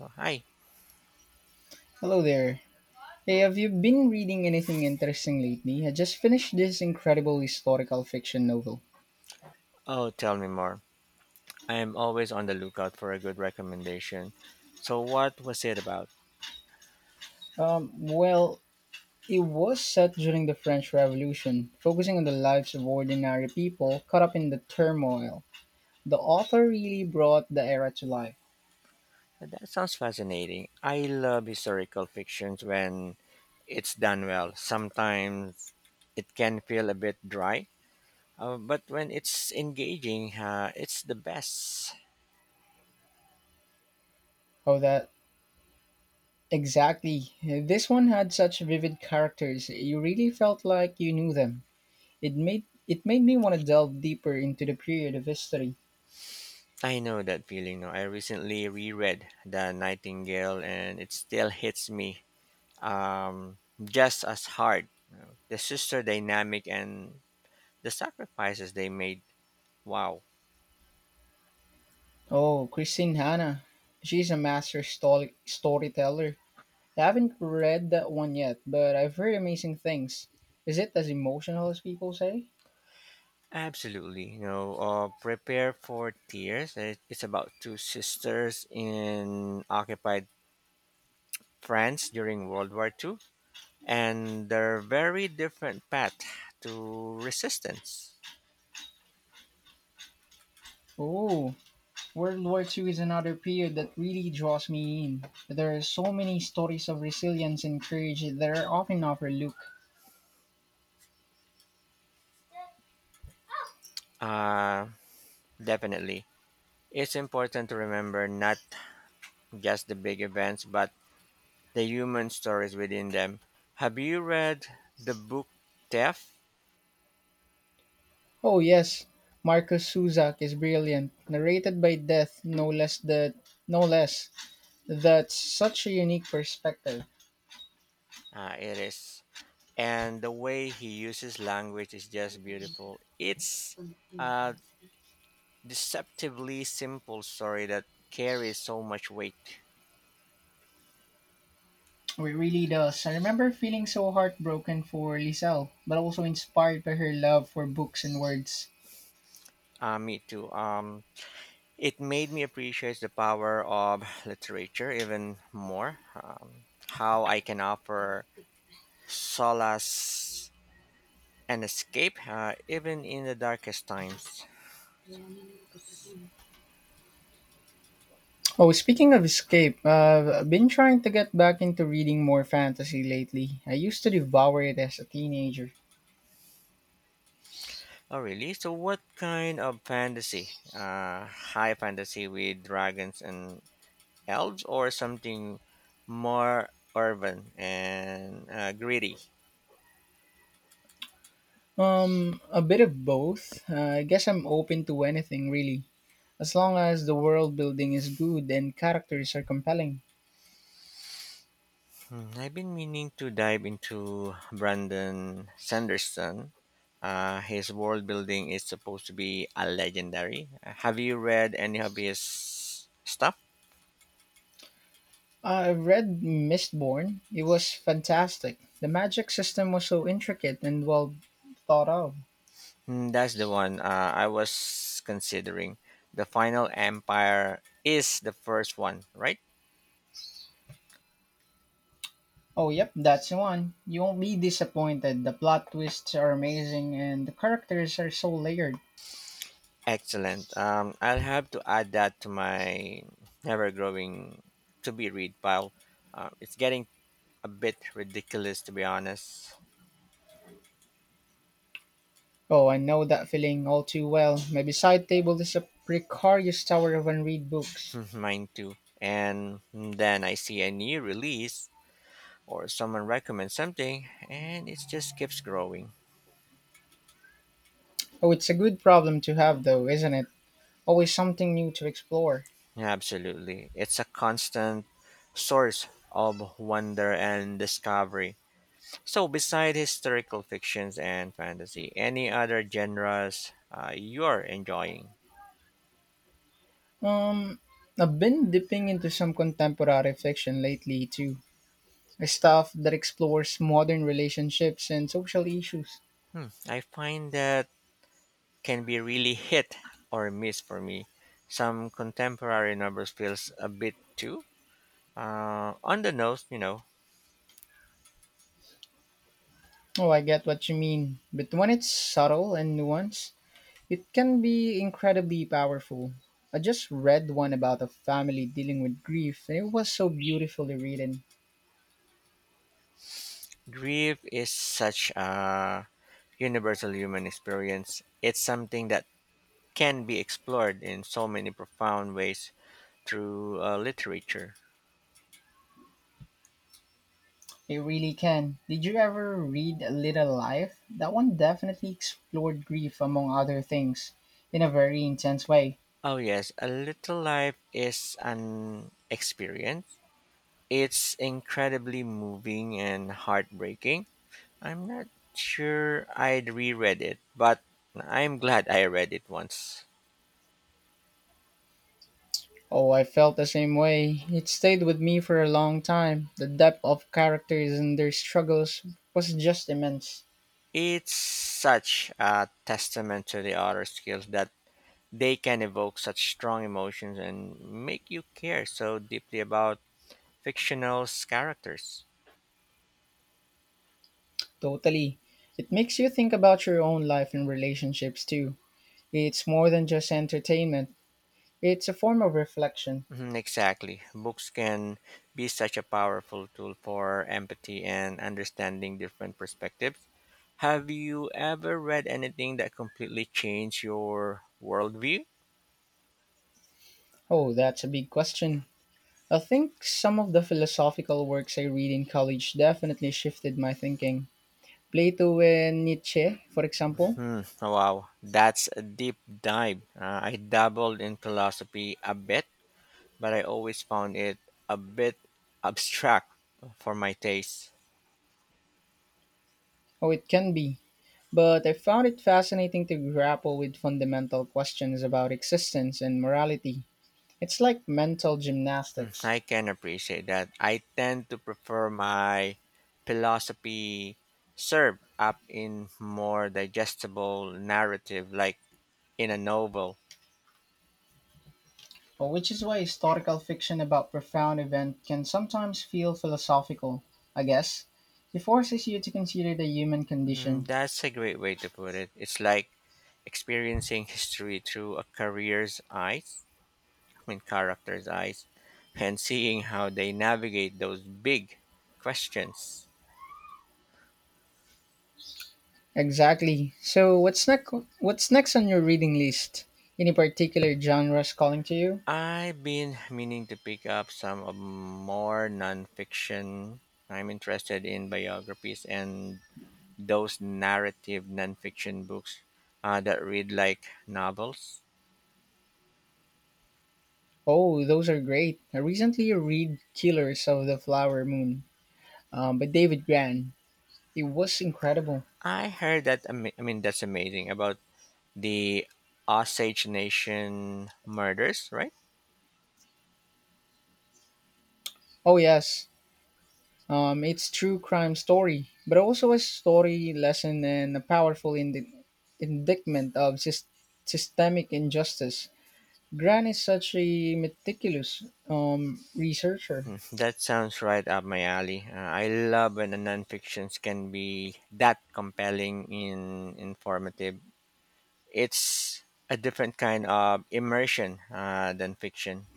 Oh, hi. Hello there. Hey, have you been reading anything interesting lately? I just finished this incredible historical fiction novel. Oh, tell me more. I am always on the lookout for a good recommendation. So, what was it about? Um, well, it was set during the French Revolution, focusing on the lives of ordinary people caught up in the turmoil. The author really brought the era to life. That sounds fascinating. I love historical fictions when it's done well. Sometimes it can feel a bit dry, but when it's engaging, it's the best. Oh, that exactly. This one had such vivid characters. You really felt like you knew them. It made me want to delve deeper into the period of history. I know that feeling. No, I recently reread *The Nightingale*, and it still hits me um, just as hard. The sister dynamic and the sacrifices they made. Wow. Oh, Christine Hanna. She's a master storyteller. I haven't read that one yet, but I've heard amazing things. Is it as emotional as people say? Absolutely. Prepare for tears. It's about two sisters in occupied france during World War II, and their very different path to resistance. Oh, World War Two is another period that really draws me in. There are so many stories of resilience and courage that are often overlooked. uh, Definitely, it's important to remember not just the big events but the human stories within them. Have you read the book Theft? Oh, yes, Marcus Suzak is brilliant, narrated by death, no less. That's such a unique perspective. It is. And the way he uses language is just beautiful. It's a deceptively simple story that carries so much weight. Or it really does. I remember feeling so heartbroken for Lisel, but also inspired by her love for books and words. Me too. It made me appreciate the power of literature even more. How I can offer solace and escape, even in the darkest times. Oh, speaking of escape, I've been trying to get back into reading more fantasy lately. I used to devour it as a teenager. Oh, really? So, what kind of fantasy? High fantasy with dragons and elves, or something more urban and gritty? A bit of both. I guess I'm open to anything, really, as long as the world building is good and characters are compelling. Hmm, I've been meaning to dive into Brandon Sanderson. His world building is supposed to be a legendary. Have you read any of his stuff? I've read Mistborn. It was fantastic. The magic system was so intricate and well thought out. Hmm, that's the one I was considering. The Final Empire is the first one, right? Oh, yep, that's the one. You won't be disappointed. The plot twists are amazing and the characters are so layered. Excellent. I'll have to add that to my never growing to be read pile. It's getting a bit ridiculous, to be honest. Oh, I know that feeling all too well. My beside table is a precarious tower of unread books. Mine too. And then I see a new release, or someone recommends something, and it just keeps growing. Oh, it's a good problem to have, though, isn't it? Always something new to explore. Absolutely. It's a constant source of wonder and discovery. So, beside historical fictions and fantasy, any other genres you're enjoying? Um, I've been dipping into some contemporary fiction lately, too. Stuff that explores modern relationships and social issues. Hmm, I find that can be really hit or miss for me. Some contemporary novels feels a bit too on the nose. Oh, I get what you mean. But when it's subtle and nuanced, it can be incredibly powerful. I just read one about a family dealing with grief, and it was so beautifully written. Grief is such a universal human experience. It's something that can be explored in so many profound ways through literature. It really can. Did you ever read A Little Life? That one definitely explored grief, among other things, in a very intense way. Oh yes, A Little Life is an experience. It's incredibly moving and heartbreaking. I'm not sure I'd reread it, but I'm glad I read it once. Oh, I felt the same way. It stayed with me for a long time. The depth of characters and their struggles was just immense. It's such a testament to the author's skills that they can evoke such strong emotions and make you care so deeply about fictional characters. Totally. It makes you think about your own life and relationships too. It's more than just entertainment. It's a form of reflection. Mhm. Exactly. Books can be such a powerful tool for empathy and understanding different perspectives. Have you ever read anything that completely changed your worldview? Oh, that's a big question. I think some of the philosophical works I read in college definitely shifted my thinking. Plato and Nietzsche, for example. Hmm, wow, that's a deep dive. I dabbled in philosophy a bit, but I always found it a bit abstract for my taste. Oh, it can be. But I found it fascinating to grapple with fundamental questions about existence and morality. It's like mental Hmm, gymnastics. I can appreciate that. I tend to prefer my philosophy served up in more digestible narrative, like in a novel. Oh, which is why historical fiction about profound event can sometimes feel philosophical, I guess. It forces you to consider the human Hmm, condition. that's a great way to put it. It's like experiencing history through a career's eyes. Main characters' eyes, and seeing how they navigate those big questions. Exactly. So what's next on your reading list? Any particular genres calling to you? I've been meaning to pick up some of more nonfiction. I'm interested in biographies and those narrative nonfiction books that read like novels. Oh, those are great. I recently read Killers of the Flower Moon, by David Gran. It was incredible. I heard that, I mean, that's amazing about the Osage Nation murders, right? Oh yes. It's true crime story, but also a story lesson and a powerful indictment of systemic injustice. Gran is such a meticulous, researcher. Mm, that sounds right up my alley. I love when the nonfictions can be that compelling and informative. It's a different kind of immersion than fiction.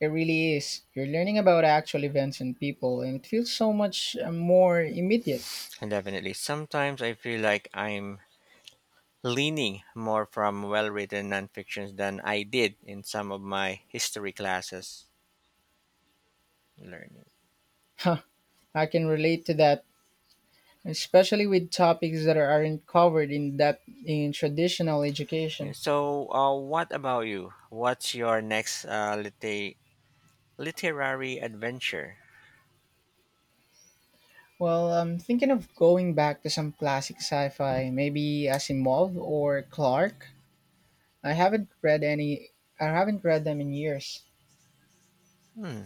It really is. You're learning about actual events and people, and it feels so much more immediate. Definitely. Sometimes I feel like I'm leaning more from well written nonfictions than I did in some of my history classes learning. Huh, I can relate to that, especially with topics that aren't covered in traditional Yeah. education. So, what about you? What's your next literary adventure? Well, I'm thinking of going back to some classic sci-fi, maybe Asimov or Clark. I haven't read any. I haven't read them in years. Hmm.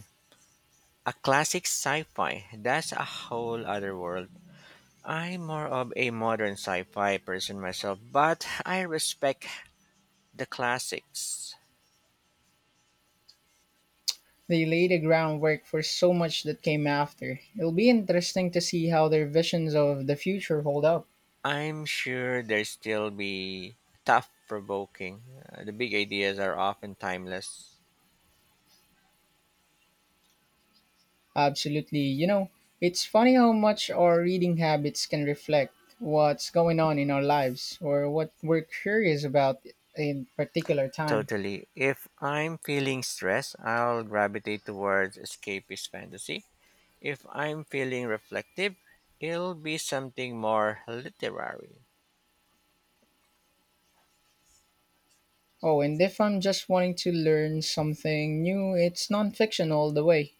A classic sci-fi. That's a whole other world. I'm more of a modern sci-fi person myself, but I respect the classics. They laid the groundwork for so much that came after. It'll be interesting to see how their visions of the future hold up. I'm sure they still be tough provoking. The big ideas are often timeless. Absolutely. You know, it's funny how much our reading habits can reflect what's going on in our lives or what we're curious about in particular time. Totally. If I'm feeling stressed, I'll gravitate towards escapist fantasy. If I'm feeling reflective, it'll be something more literary. Oh, and if I'm just wanting to learn something new, it's nonfiction all the way.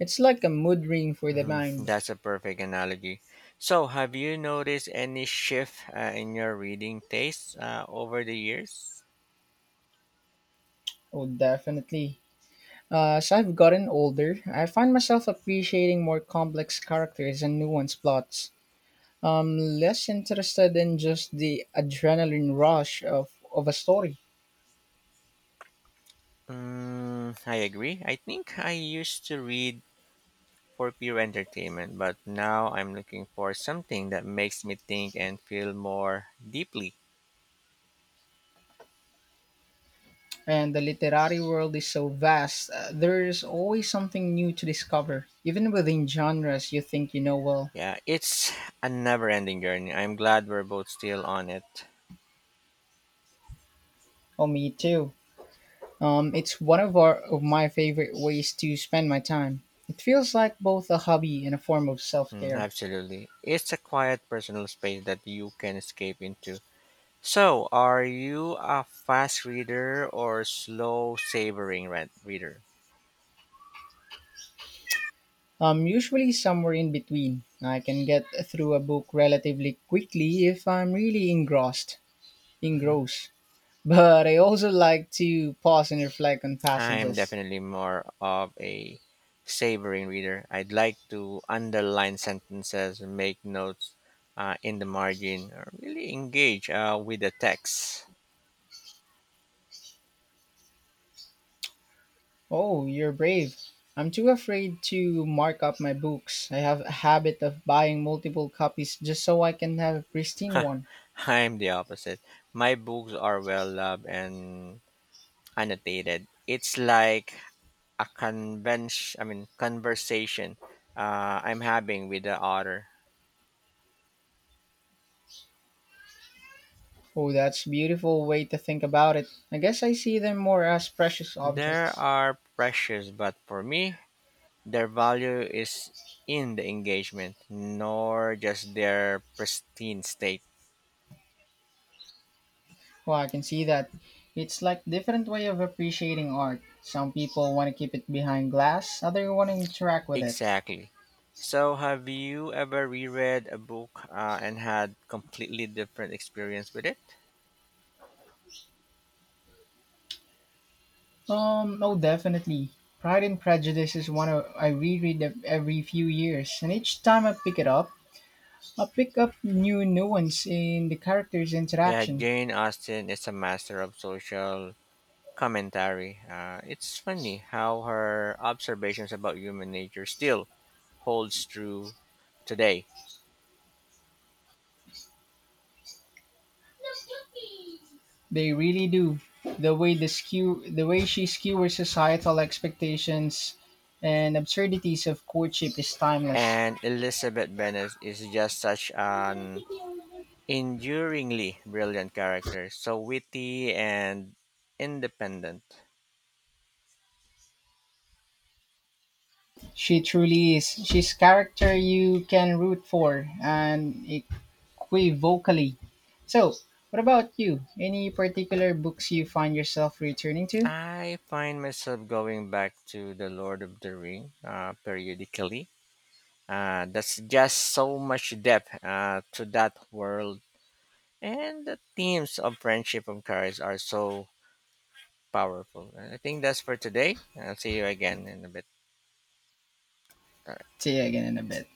It's like a mood ring for the Mhm. mind. That's a perfect analogy. So, have you noticed any shift in your reading taste over the years? Oh, definitely. As I've gotten older, I find myself appreciating more complex characters and nuanced plots. I'm less interested in just the adrenaline rush of a story. Mm, I agree. I think I used to read for pure entertainment, but now I'm looking for something that makes me think and feel more deeply. And the literary world is so vast, there's always something new to discover, even within genres you think you know well. Yeah, it's a never ending journey. I'm glad we're both still on it. Oh, me too. It's one of our of my favorite ways to spend my time. It feels like both a hobby and a form of Mm, self-care. absolutely. It's a quiet personal space that you can escape into. So, are you a fast reader, or slow savoring reader? Usually somewhere in between. I can get through a book relatively quickly if I'm really Mhm. engrossed. But I also like to pause and reflect on I'm passages. definitely more of a savoring reader. I'd like to underline sentences, make notes in the margin, or really engage with the text. Oh, you're brave. I'm too afraid to mark up my books. I have a habit of buying multiple copies just so I can have a pristine one. I'm the opposite. My books are well loved and annotated. It's like a convention, I mean, conversation I'm having with the author. Oh, that's a beautiful way to think about it. I guess I see them more as precious There objects. are precious, but for me, their value is in the engagement, nor just their pristine state. Well, I can see that. It's like different way of appreciating art. Some people want to keep it behind glass, others want to interact with it. Exactly. So, have you ever reread a book and had completely different experience with it? No, definitely. Pride and Prejudice is one of, I reread it every few years, and each time I pick it up, I pick up new nuance in the characters' Yeah, interaction. Jane Austen is a master of social commentary. It's funny how her observations about human nature still holds true today. They really do. The way she skewers societal expectations and absurdities of courtship is timeless. And Elizabeth Bennet is just such an enduringly brilliant character, so witty and independent. She truly is. She's character you can root for and equivocally. So, what about you? Any particular books you find yourself returning to? I find myself going back to the Lord of the Ring periodically. That's just so much depth to that world, and the themes of friendship and courage are so powerful. And I think that's for today. I'll see you again in a bit. See you again in a bit.